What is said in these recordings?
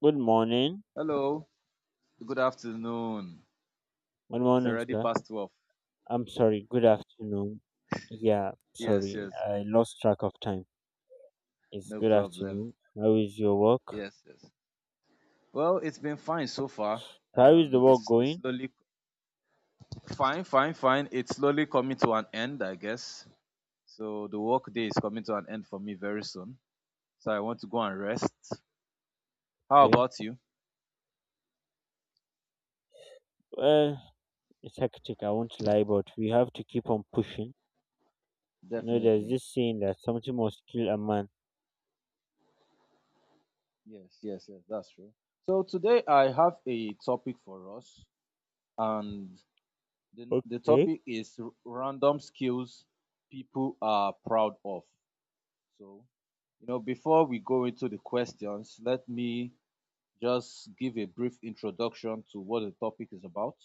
Good morning. Hello, good afternoon. Good It's morning, already sir. past 12. I'm sorry. Good afternoon. Yeah, Yes, sorry. yes, I lost track of time. It's no good problem. afternoon. How is your work? Yes, yes. Well, it's been fine so far. How is the work It's going? slowly fine, fine, fine. It's slowly coming to an end, I guess. So the work day is coming to an end for me very soon. So I want to go and rest. How Okay. about you? Well, it's hectic. I won't lie, but we have to keep on pushing. You know, there's Definitely. this saying that something must kill a man. Yes, yes, yes, that's true. So today I have a topic for us, and the Okay. topic is random skills people are proud of. So, before we go into the questions, let me just give a brief introduction to what the topic is about.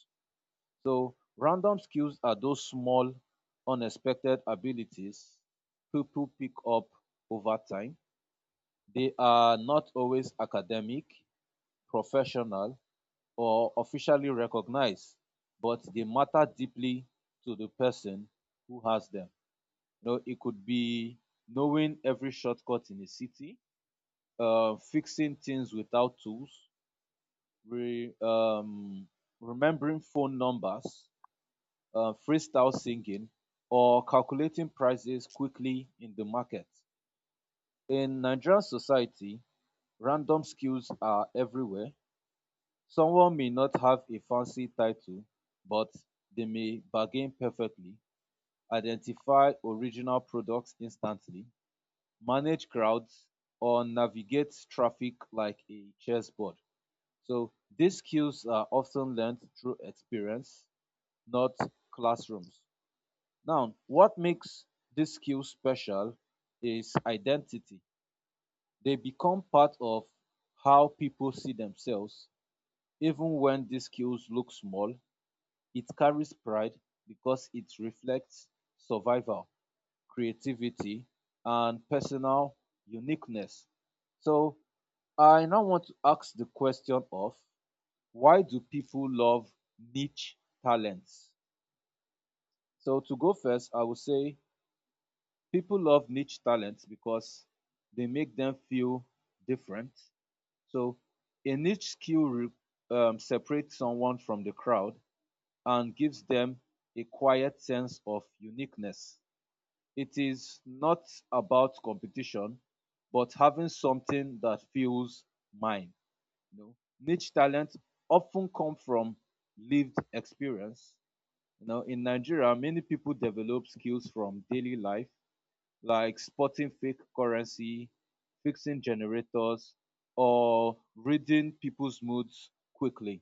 So, random skills are those small, unexpected abilities people pick up over time. They are not always academic, professional, or officially recognized, but they matter deeply to the person who has them. You know, it could be knowing every shortcut in a city, fixing things without tools, re, um, remembering phone numbers, freestyle singing, or calculating prices quickly in the market. In Nigerian society, random skills are everywhere. Someone may not have a fancy title, but they may bargain perfectly, identify original products instantly, manage crowds, or navigate traffic like a chessboard. So these skills are often learned through experience, not classrooms. Now, what makes these skills special is identity. They become part of how people see themselves, even when these skills look small. It carries pride because it reflects survival, creativity, and personal uniqueness. So I now want to ask the question of why do people love niche talents? So to go first, I would say people love niche talents because they make them feel different. So a separates someone from the crowd and gives them a quiet sense of uniqueness. It is not about competition, but having something that feels mine. You know, niche talent often come from lived experience. You know, in Nigeria, many people develop skills from daily life, like spotting fake currency, fixing generators, or reading people's moods quickly.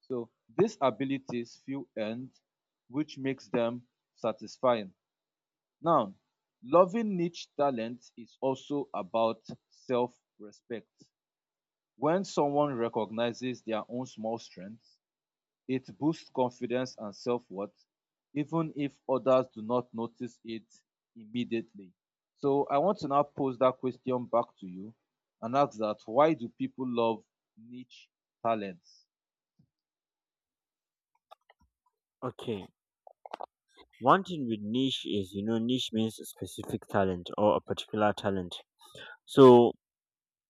So these abilities feel earned, which makes them satisfying. Now, loving niche talent is also about self respect. When someone recognizes their own small strengths, it boosts confidence and self worth, even if others do not notice it immediately. So, I want to now pose that question back to you and ask that why do people love niche talents? Okay. One thing with niche is, you know, niche means a specific talent or a particular talent. So,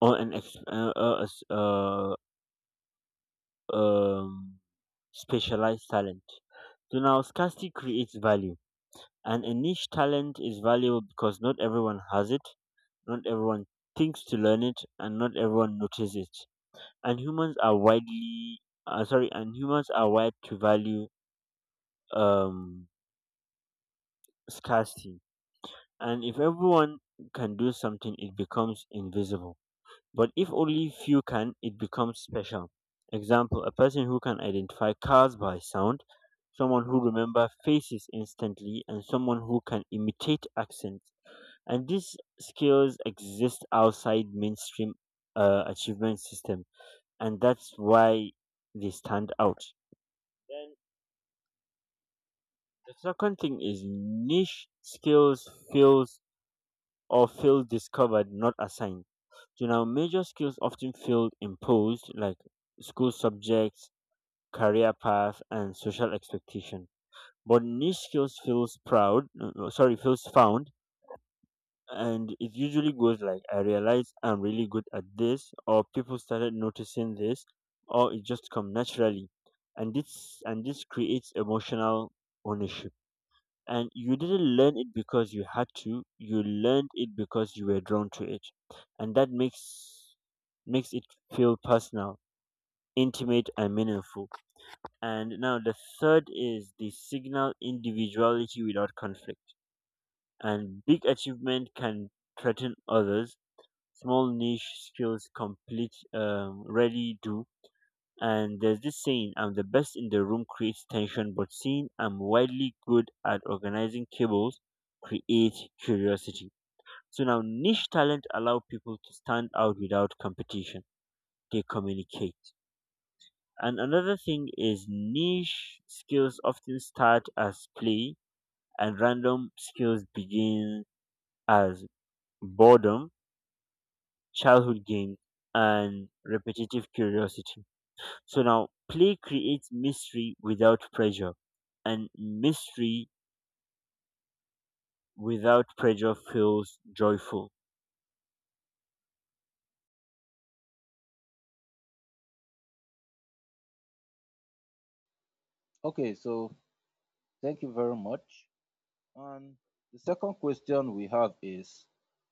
or an ex- s- um specialized talent. So now scarcity creates value, and a niche talent is valuable because not everyone has it, not everyone thinks to learn it, and not everyone notices it. And humans are wired to value um, scarcity. And if everyone can do something, it becomes invisible. But if only few can, it becomes special. Example, a person who can identify cars by sound, someone who remember faces instantly, and someone who can imitate accents. And these skills exist outside mainstream achievement system, and that's why they stand out. Then the second thing is niche skills feels or feel discovered, not assigned. So now major skills often feel imposed, like school subjects, career path, and social expectation. But niche skills feels found, and it usually goes like, I realize I'm really good at this, or people started noticing this, or it just come naturally, and this creates emotional ownership. And you didn't learn it because you had to. You learned it because you were drawn to it, and that makes makes it feel personal, intimate, and meaningful. And now the third is the signal individuality without conflict. And big achievement can threaten others. Small niche skills complete rarely do. And there's this saying, I'm the best in the room creates tension, but seeing I'm widely good at organizing cables create curiosity. So now niche talent allow people to stand out without competition. They communicate. And another thing is niche skills often start as play, and random skills begin as boredom, childhood games, and repetitive curiosity. So now, play creates mystery without pressure, and mystery without pressure feels joyful. Okay, so thank you very much. And the second question we have is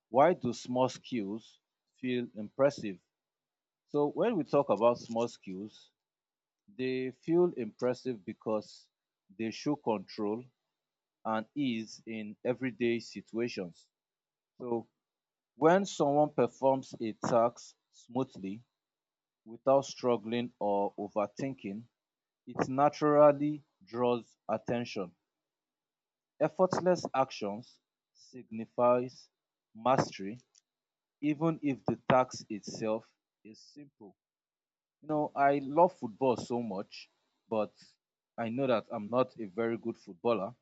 why do small skills feel impressive? So, when we talk about small skills, they feel impressive because they show control and ease in everyday situations. So, when someone performs a task smoothly without struggling or overthinking, it naturally draws attention. Effortless actions signifies mastery even if the task itself is simple. You know, I love football so much, but I know that I'm not a very good footballer.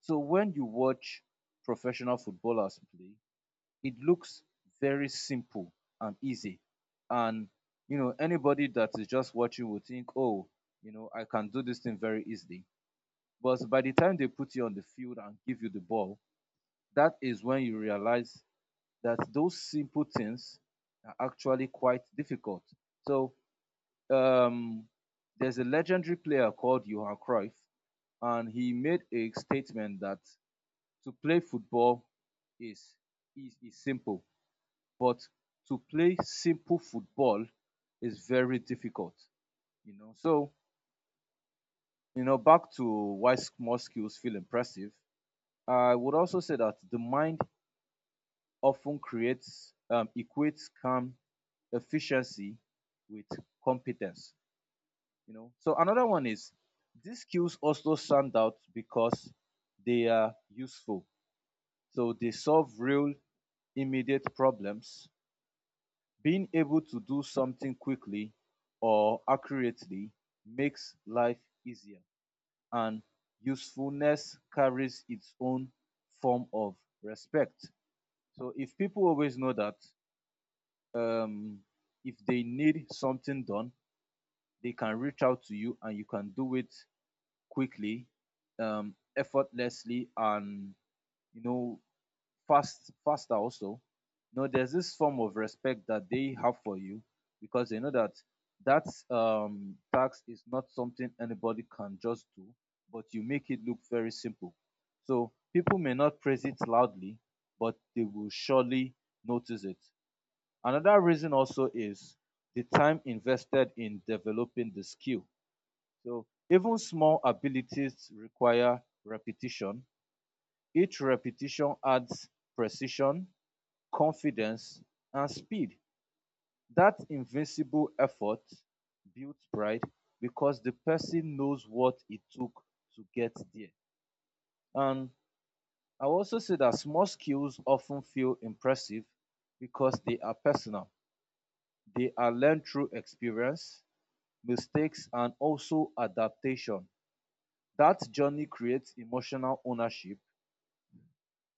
So when you watch professional footballers play, it looks very simple and easy. And, you know, anybody that is just watching will think, oh, you know, I can do this thing very easily. But by the time they put you on the field and give you the ball, that is when you realize that those simple things are actually quite difficult. So um, there's a legendary player called Johan Cruyff, and he made a statement that to play football is is simple, but to play simple football is very difficult. You know, so you know back to why small skills feel impressive. I would also say that the mind often creates equates calm efficiency with competence. You know, so another one is these skills also stand out because they are useful. So they solve real immediate problems. Being able to do something quickly or accurately makes life easier, and usefulness carries its own form of respect. So if people always know that um, if they need something done they can reach out to you and you can do it quickly, effortlessly, and you know, fast, faster also. You know, there's this form of respect that they have for you because they know that that tax is not something anybody can just do, but you make it look very simple. So people may not praise it loudly, but they will surely notice it. Another reason also is the time invested in developing the skill. So even small abilities require repetition. Each repetition adds precision, confidence, and speed. That invincible effort builds pride because the person knows what it took to get there. And I also say that small skills often feel impressive because they are personal. They are learned through experience, mistakes, and also adaptation. That journey creates emotional ownership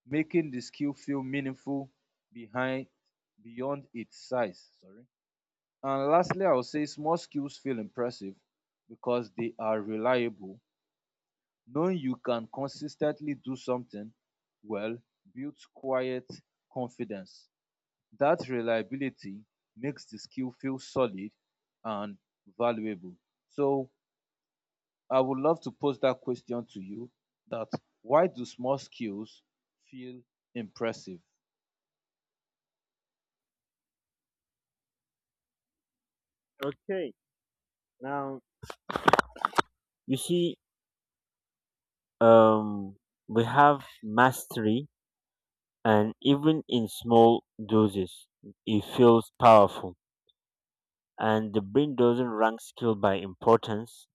making the skill feel meaningful behind beyond its size. Sorry. And lastly, I would say small skills feel impressive because they are reliable. Knowing you can consistently do something well builds quiet confidence. That reliability makes the skill feel solid and valuable. So I would love to pose that question to you that why do small skills feel impressive? Okay, now you see, um, we have mastery, and even in small doses, it feels powerful. And the brain doesn't rank skill by importance;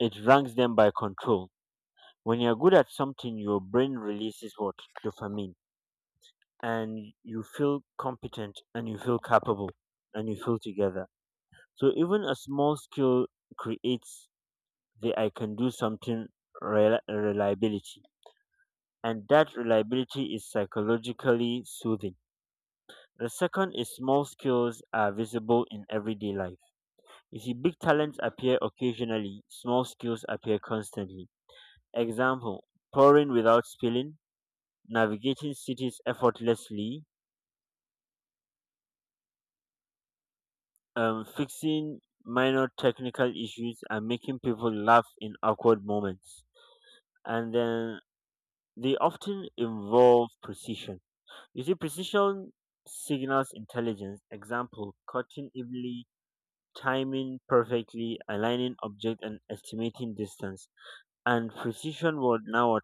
it ranks them by control. When you're good at something, your brain releases what? Dopamine. And you feel competent and you feel capable and you feel together. So even a small skill creates the I can do something reliability. And that reliability is psychologically soothing. The second is small skills are visible in everyday life. You see, big talents appear occasionally, small skills appear constantly. Example, pouring without spilling, navigating cities effortlessly, fixing minor technical issues, and making people laugh in awkward moments. And then they often involve precision. You see, precision signals intelligence. Example, cutting evenly, timing perfectly, aligning object, and estimating distance. And precision would now what?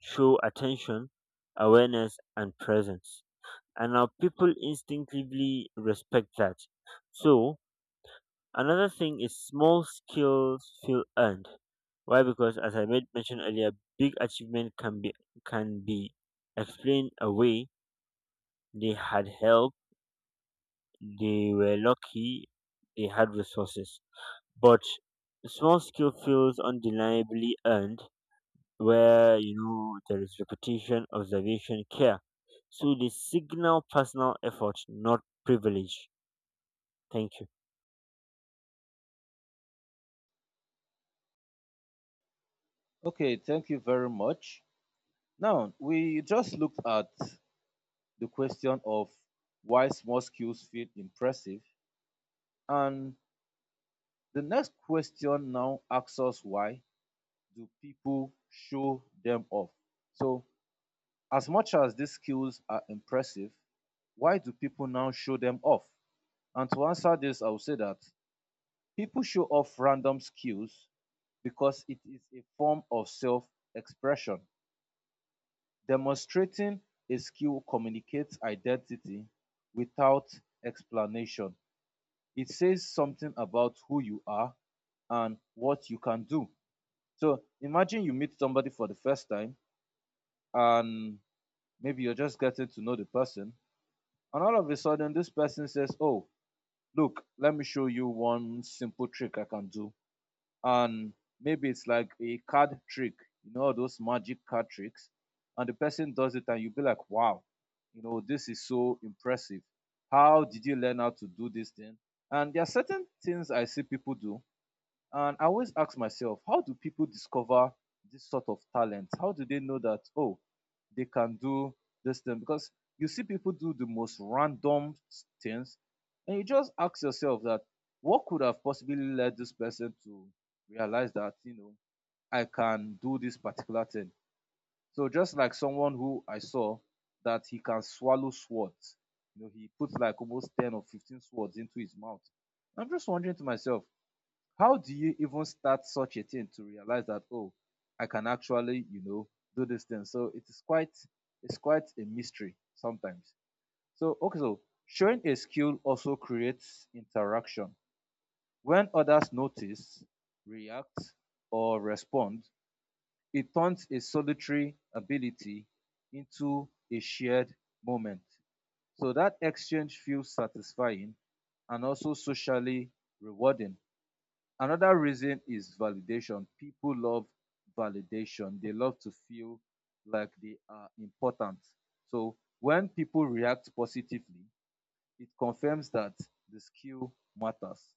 Show attention, awareness, and presence. And now people instinctively respect that. So another thing is small skills feel earned. Why? Because, as I made mention earlier, big achievement can be explained away. They had help, they were lucky, they had resources. But small skill feels undeniably earned, where you know there is repetition, observation, care. So they signal personal effort, not privilege. Thank you. Okay, thank you very much. Now, we just looked at the question of why small skills feel impressive. And the next question now asks us why do people show them off? So, as much as these skills are impressive, why do people now show them off? And to answer this, I will say that people show off random skills because it is a form of self expression. Demonstrating a skill communicates identity without explanation. It says something about who you are and what you can do. So imagine you meet somebody for the first time and maybe you're just getting to know the person. And all of a sudden, this person says, oh, look, let me show you one simple trick I can do, and maybe it's like a card trick, you know, those magic card tricks, and the person does it, and you'll be like, wow, you know, this is so impressive. How did you learn how to do this thing? And there are certain things I see people do and I always ask myself, how do people discover this sort of talent? How do they know that, oh, they can do this thing? Because you see people do the most things, and you just ask yourself that what could have possibly led this person to realize that, you know, I can do this particular thing. So just like someone who I saw that he can swallow swords, you know, he puts like almost 10 or 15 swords into his mouth. I'm just wondering to myself, how do you even start such a thing to realize that oh, I can actually, you know, do this thing. So it is quite it's quite a mystery sometimes. So okay, so showing a skill also creates interaction. When others notice, react, or respond, it turns a solitary ability into a shared moment. So that exchange feels satisfying and also socially rewarding. Another reason is validation. People love validation. They love to feel like they are important. So when people react positively, it confirms that the skill matters.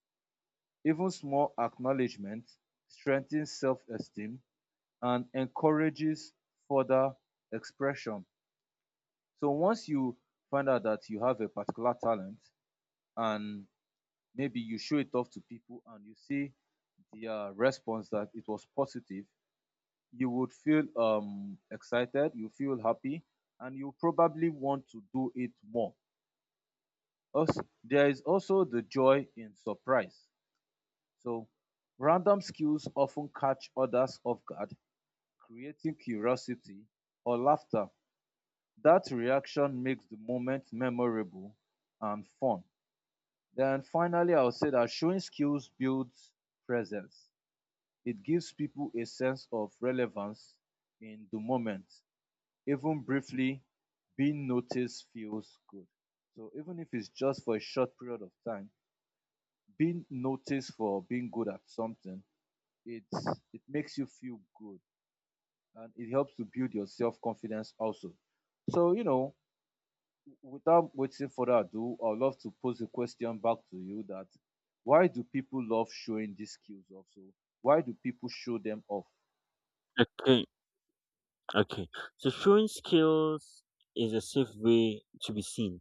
Even small acknowledgement strengthens self esteem and encourages further expression. So once you find out that you have a particular talent and maybe you show it off to people and you see their response that it was positive, you would feel excited, you feel happy and you probably want to do it more. Also there is also the joy in surprise. So random skills often catch others off guard, creating curiosity or laughter. That reaction makes the moment memorable and fun. Then finally I would say that showing skills builds presence. It gives people a sense of relevance in the moment. Even briefly, being noticed feels good. So even if it's just for a short period of time, being noticed for being good at something, it's it makes you feel good and it helps to build your self-confidence also. So, you know, without waiting for that, ado, I'd love to pose a question back to you that why do people love showing these skills also? Why do people show them off? Okay, okay. So showing skills is a safe way to be seen.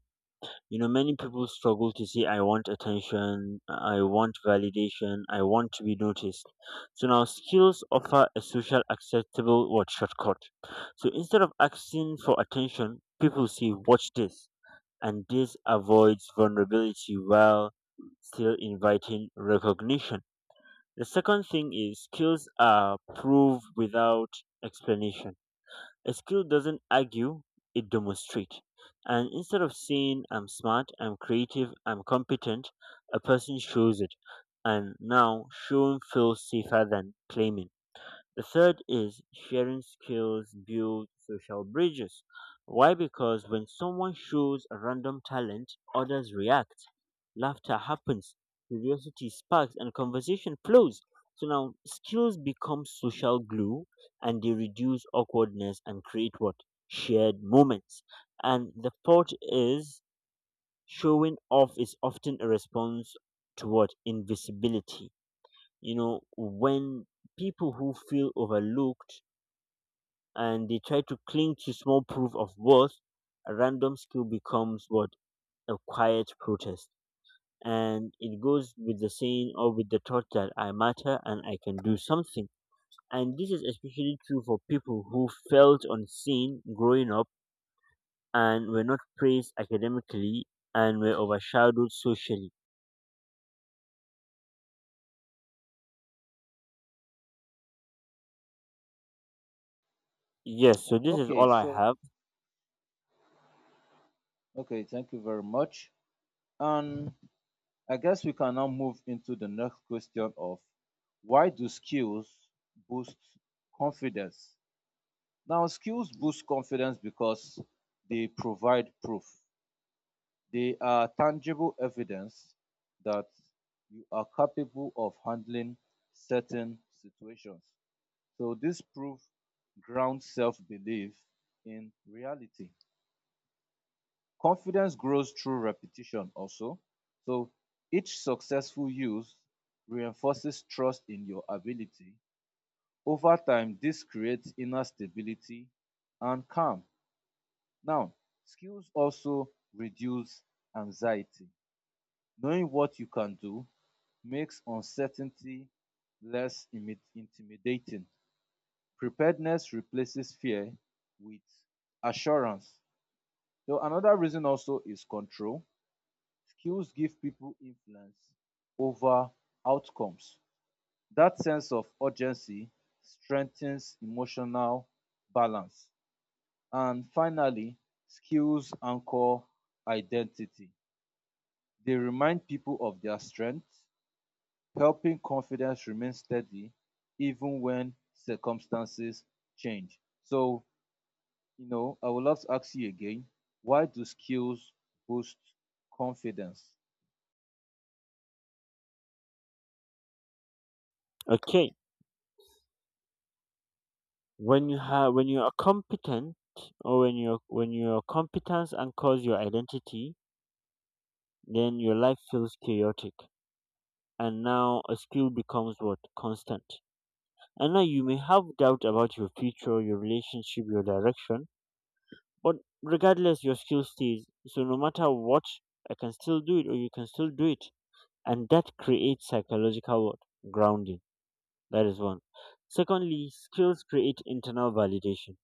You know, many people struggle to say, I want attention, I want validation, I want to be noticed. So now skills offer a social acceptable what shortcut. So instead of asking for attention, people say, watch this. And this avoids vulnerability while still inviting recognition. The second thing is skills are proof without explanation. A skill doesn't argue, it demonstrates. And instead of saying, I'm smart, I'm creative, I'm competent, a person shows it. And now showing feels safer than claiming. The third is sharing skills build social bridges. Why? Because when someone shows a random talent, others react. Laughter happens, curiosity sparks, and conversation flows. So now skills become social glue, and they reduce awkwardness and create what? Shared moments. And the fourth is showing off is often a response to what? Invisibility. You know, when people who feel overlooked and they try to cling to small proof of worth, a random skill becomes what? A quiet protest. And it goes with the saying or with the thought that I matter and I can do something. And this is especially true for people who felt unseen growing up and were not praised academically and were overshadowed socially. Yes, so this is Okay, all I so have. okay, thank you very much. And I guess we can now move into the next question of why do skills boost confidence? Now, skills boost confidence because they provide proof. They are tangible evidence that you are capable of handling certain situations. So, this proof grounds self belief in reality. Confidence grows through repetition also. So each successful use reinforces trust in your ability. Over time, this creates inner stability and calm. Now, skills also reduce anxiety. Knowing what you can do makes uncertainty intimidating. Preparedness replaces fear with assurance. So, another reason also is control. Skills give people influence over outcomes. That sense of urgency strengthens emotional balance. And finally, skills anchor identity. They remind people of their strengths, helping confidence remain steady even when circumstances change. So, I would love to ask you again, why do skills boost confidence? Okay. When you have, when you are competent, or when your competence anchors your identity, then your life feels chaotic, and now a skill becomes what? Constant. And now you may have doubt about your future, your relationship, your direction, but regardless, your skill stays. So no matter what, I can still do it or you can still do it, and that creates psychological what? Grounding. That is one. Secondly, skills create internal validation.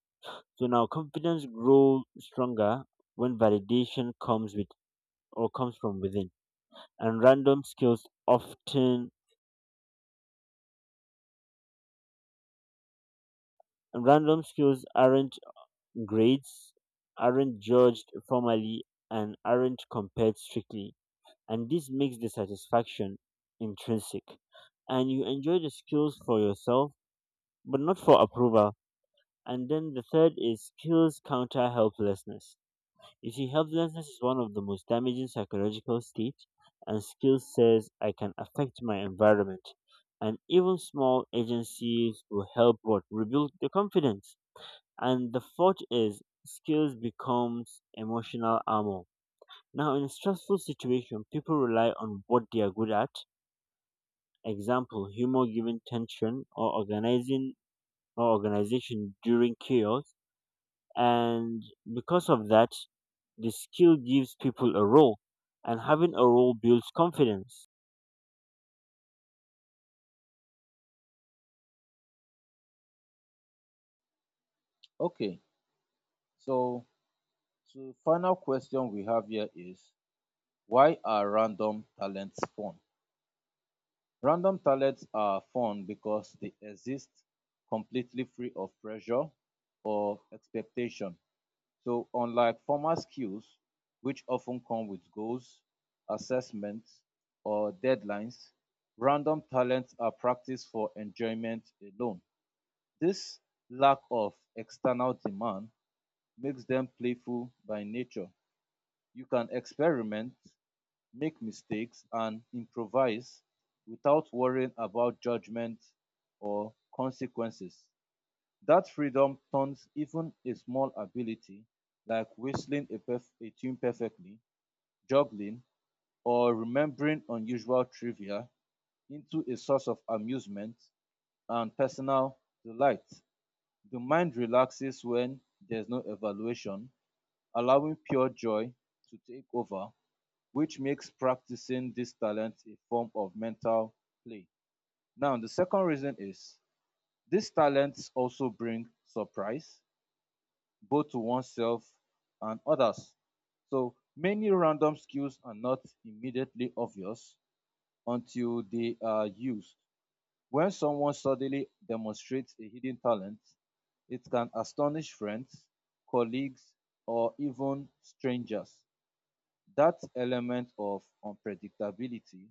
So now confidence grows stronger when validation comes with or comes from within. And random skills often Random skills aren't grades, aren't judged formally, and aren't compared strictly. And this makes the satisfaction intrinsic. And you enjoy the skills for yourself, but not for approval. And then the third is skills counter helplessness. You see, helplessness is one of the most damaging psychological states, and skills says, I can affect my environment. And even small agencies will help what? Rebuild the confidence. And the fourth is skills becomes emotional armor. Now, in a stressful situation, people rely on what they are good at. Example: humor given tension, or organizing or organization during chaos. And because of that, the skill gives people a role, and having a role builds confidence. Okay, so So final question we have here is, why are random talents fun? Random talents are fun because they exist completely free of pressure or expectation. So unlike formal skills, which often come with goals, assessments, or deadlines, random talents are practiced for enjoyment alone. This lack of external demand makes them playful by nature. You can experiment, make mistakes, and improvise without worrying about judgment or consequences. That freedom turns even a small ability, like whistling a tune perfectly, juggling, or remembering unusual trivia, into a source of amusement and personal delight. The mind relaxes when there's no evaluation, allowing pure joy to take over, which makes practicing this talent a form of mental play. Now, the second reason is, these talents also bring surprise, both to oneself and others. So, many random skills are not immediately obvious until they are used. When someone suddenly demonstrates a hidden talent, it can astonish friends, colleagues, or even strangers. That element of unpredictability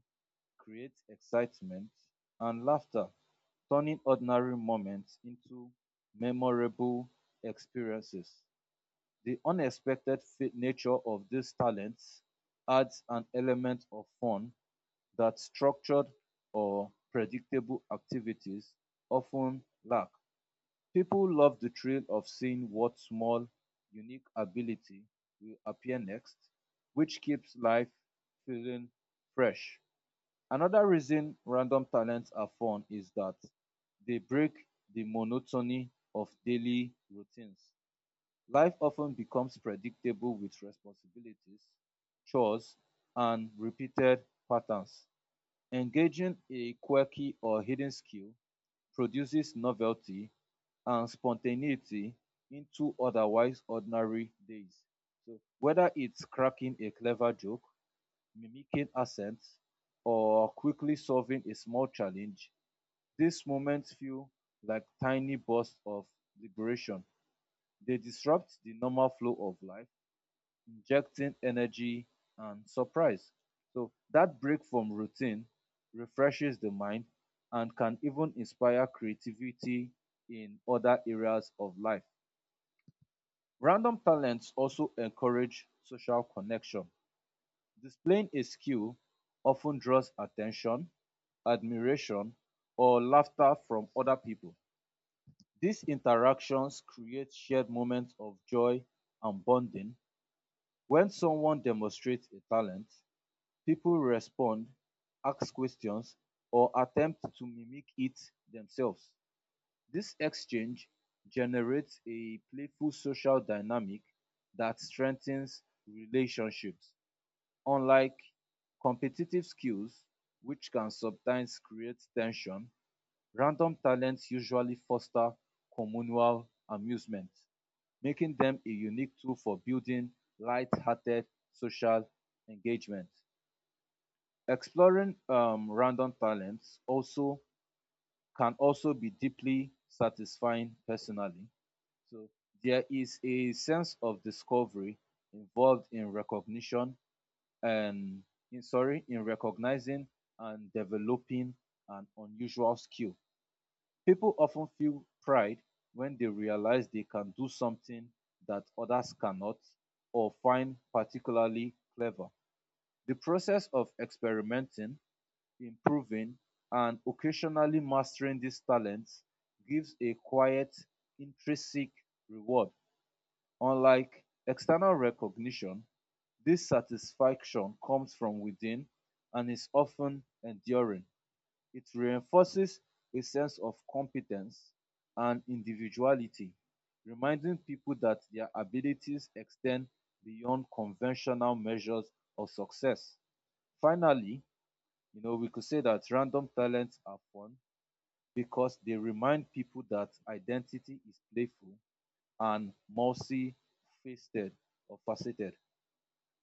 create excitement and laughter, turning ordinary moments into memorable experiences. The unexpected nature of these talents adds an element of fun that structured or predictable activities often lack. People love the thrill of seeing what small, unique ability will appear next, which keeps life feeling fresh. Another reason random talents are fun is that they break the monotony of daily routines. Life often becomes predictable with responsibilities, chores, and repeated patterns. Engaging a quirky or hidden skill produces novelty and spontaneity into otherwise ordinary days. So, whether it's cracking a clever joke, mimicking accents, or quickly solving a small challenge, these moments feel like tiny bursts of liberation. They disrupt the normal flow of life, injecting energy and surprise. So, that break from routine refreshes the mind and can even inspire creativity in other areas of life. Random talents also encourage social connection. Displaying a skill often draws attention, admiration, or laughter from other people. These interactions create shared moments of joy and bonding. When someone demonstrates a talent, people respond, ask questions, or attempt to mimic it themselves. This exchange generates a playful social dynamic that strengthens relationships. Unlike competitive skills, which can sometimes create tension, random talents usually foster communal amusement, making them a unique tool for building light-hearted social engagement. Exploring random talents also can also be deeply satisfying personally. So there is a sense of discovery involved in recognition and in, sorry in recognizing and developing an unusual skill. People often feel pride when they realize they can do something that others cannot or find particularly clever. The process of experimenting, improving, and occasionally mastering these talents gives a quiet, intrinsic reward. Unlike external recognition, this satisfaction comes from within and is often enduring. It reinforces a sense of competence and individuality, reminding people that their abilities extend beyond conventional measures of success. Finally, we could say that random talents are fun because they remind people that identity is playful and multifaceted or faceted.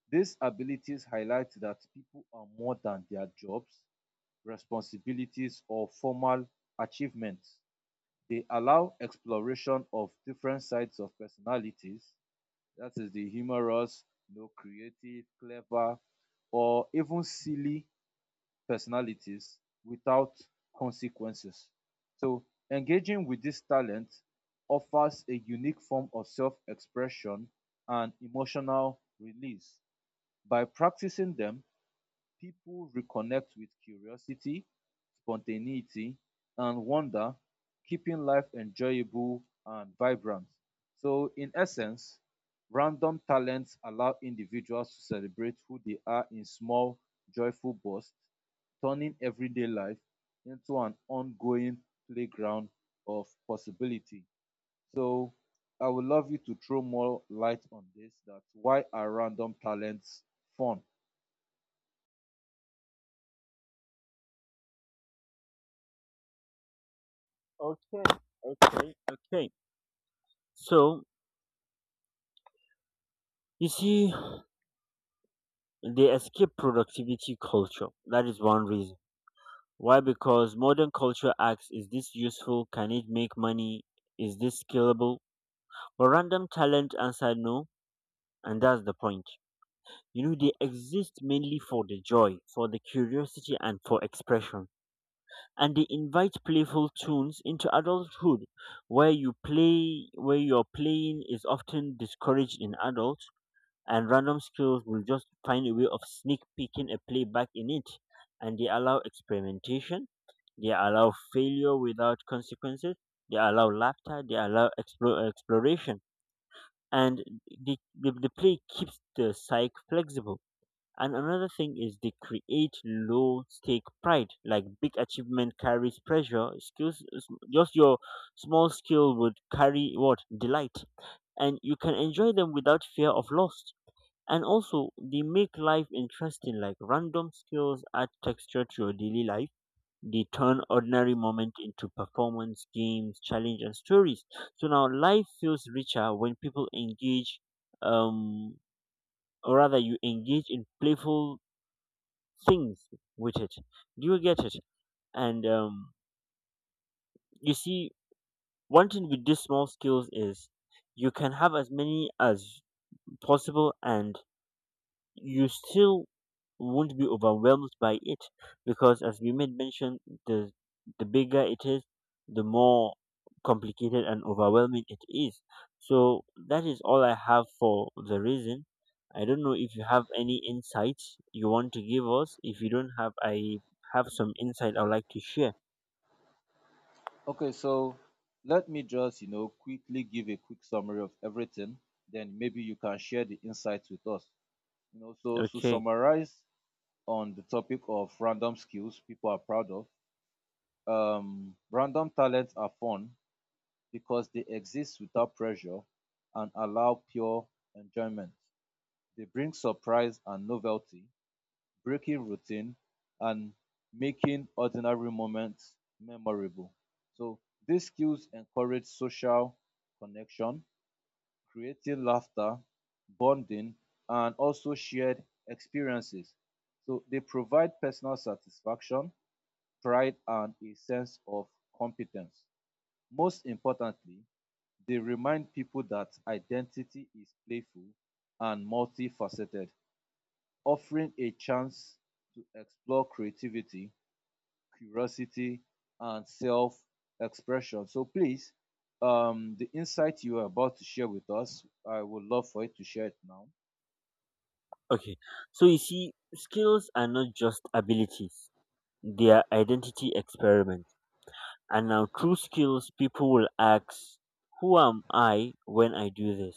These abilities highlight that people are more than their jobs, responsibilities, or formal achievements. They allow exploration of different sides of personalities, that is the humorous, creative, clever, or even silly personalities without consequences. So engaging with this talent offers a unique form of self-expression and emotional release. By practicing them, people reconnect with curiosity, spontaneity, and wonder, keeping life enjoyable and vibrant. So, in essence, random talents allow individuals to celebrate who they are in small, joyful bursts, turning everyday life into an ongoing playground of possibility. So, I would love you to throw more light on this, that why are random talents fun? Okay, okay, okay. So you see, they escape productivity culture. That is one reason. Why? Because modern culture asks, is this useful? Can it make money? Is this scalable? But random talent answer no, and that's the point. You know, they exist mainly for the joy, for the curiosity, and for expression. And they invite playful tunes into adulthood, where you play, where your playing is often discouraged in adults, and random skills will just find a way of sneak peeking a play back in it. And they allow experimentation, they allow failure without consequences, they allow laughter, they allow exploration. And the play keeps the psyche flexible. And another thing is they create low stake pride. Like, big achievement carries pressure. Skills, just your small skill would carry what? Delight. And you can enjoy them without fear of loss. And also they make life interesting. Like, random skills add texture to your daily life. They turn ordinary moment into performance, games, challenge, and stories. So now life feels richer when people engage, um or rather you engage in playful things with it. Do you get it? And you see, one thing with these small skills is you can have as many as possible and you still won't be overwhelmed by it, because as we made mention, the the bigger it is, the more complicated and overwhelming it is. So that is all I have for the reason. I don't know if you have any insights you want to give us. If you don't have, I have some insight I would like to share. Okay, so let me just, quickly give a quick summary of everything. Then maybe you can share the insights with us. You know, so to Okay, summarize on the topic of random skills people are proud of, random talents are fun because they exist without pressure and allow pure enjoyment. They bring surprise and novelty, breaking routine and making ordinary moments memorable. So these skills encourage social connection, creating laughter, bonding, and also shared experiences. So they provide personal satisfaction, pride, and a sense of competence. Most importantly, they remind people that identity is playful and multifaceted, offering a chance to explore creativity, curiosity, and self expression. So please, the insight you are about to share with us, I would love for you to share it now. okay. So you see, skills are not just abilities, they are identity experiments. And now true skills, people will ask, who am I when I do this?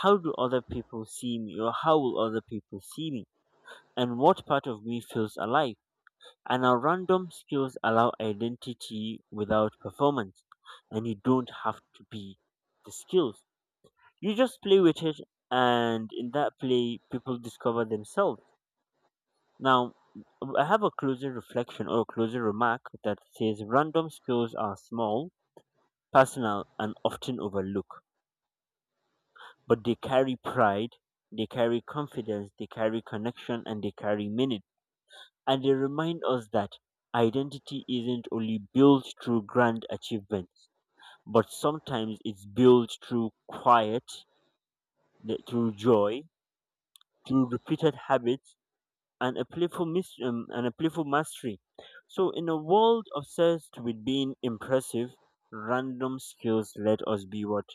How do other people see me, or how will other people see me? And what part of me feels alive? And our random skills allow identity without performance, and you don't have to be the skills. You just play with it, and in that play people discover themselves. Now, I have a closing reflection or a closing remark that says random skills are small, personal, and often overlooked, but they carry pride, they carry confidence, they carry connection, and they carry meaning. And they remind us that identity isn't only built through grand achievements, but sometimes it's built through quiet, through joy, through repeated habits, and a playful mastery. So, in a world obsessed with being impressive, random skills let us be what?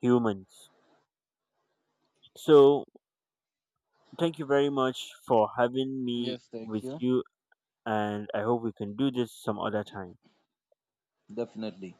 Humans. So, thank you very much for having me Yes, thank with you. you, and I hope we can do this some other time. Definitely.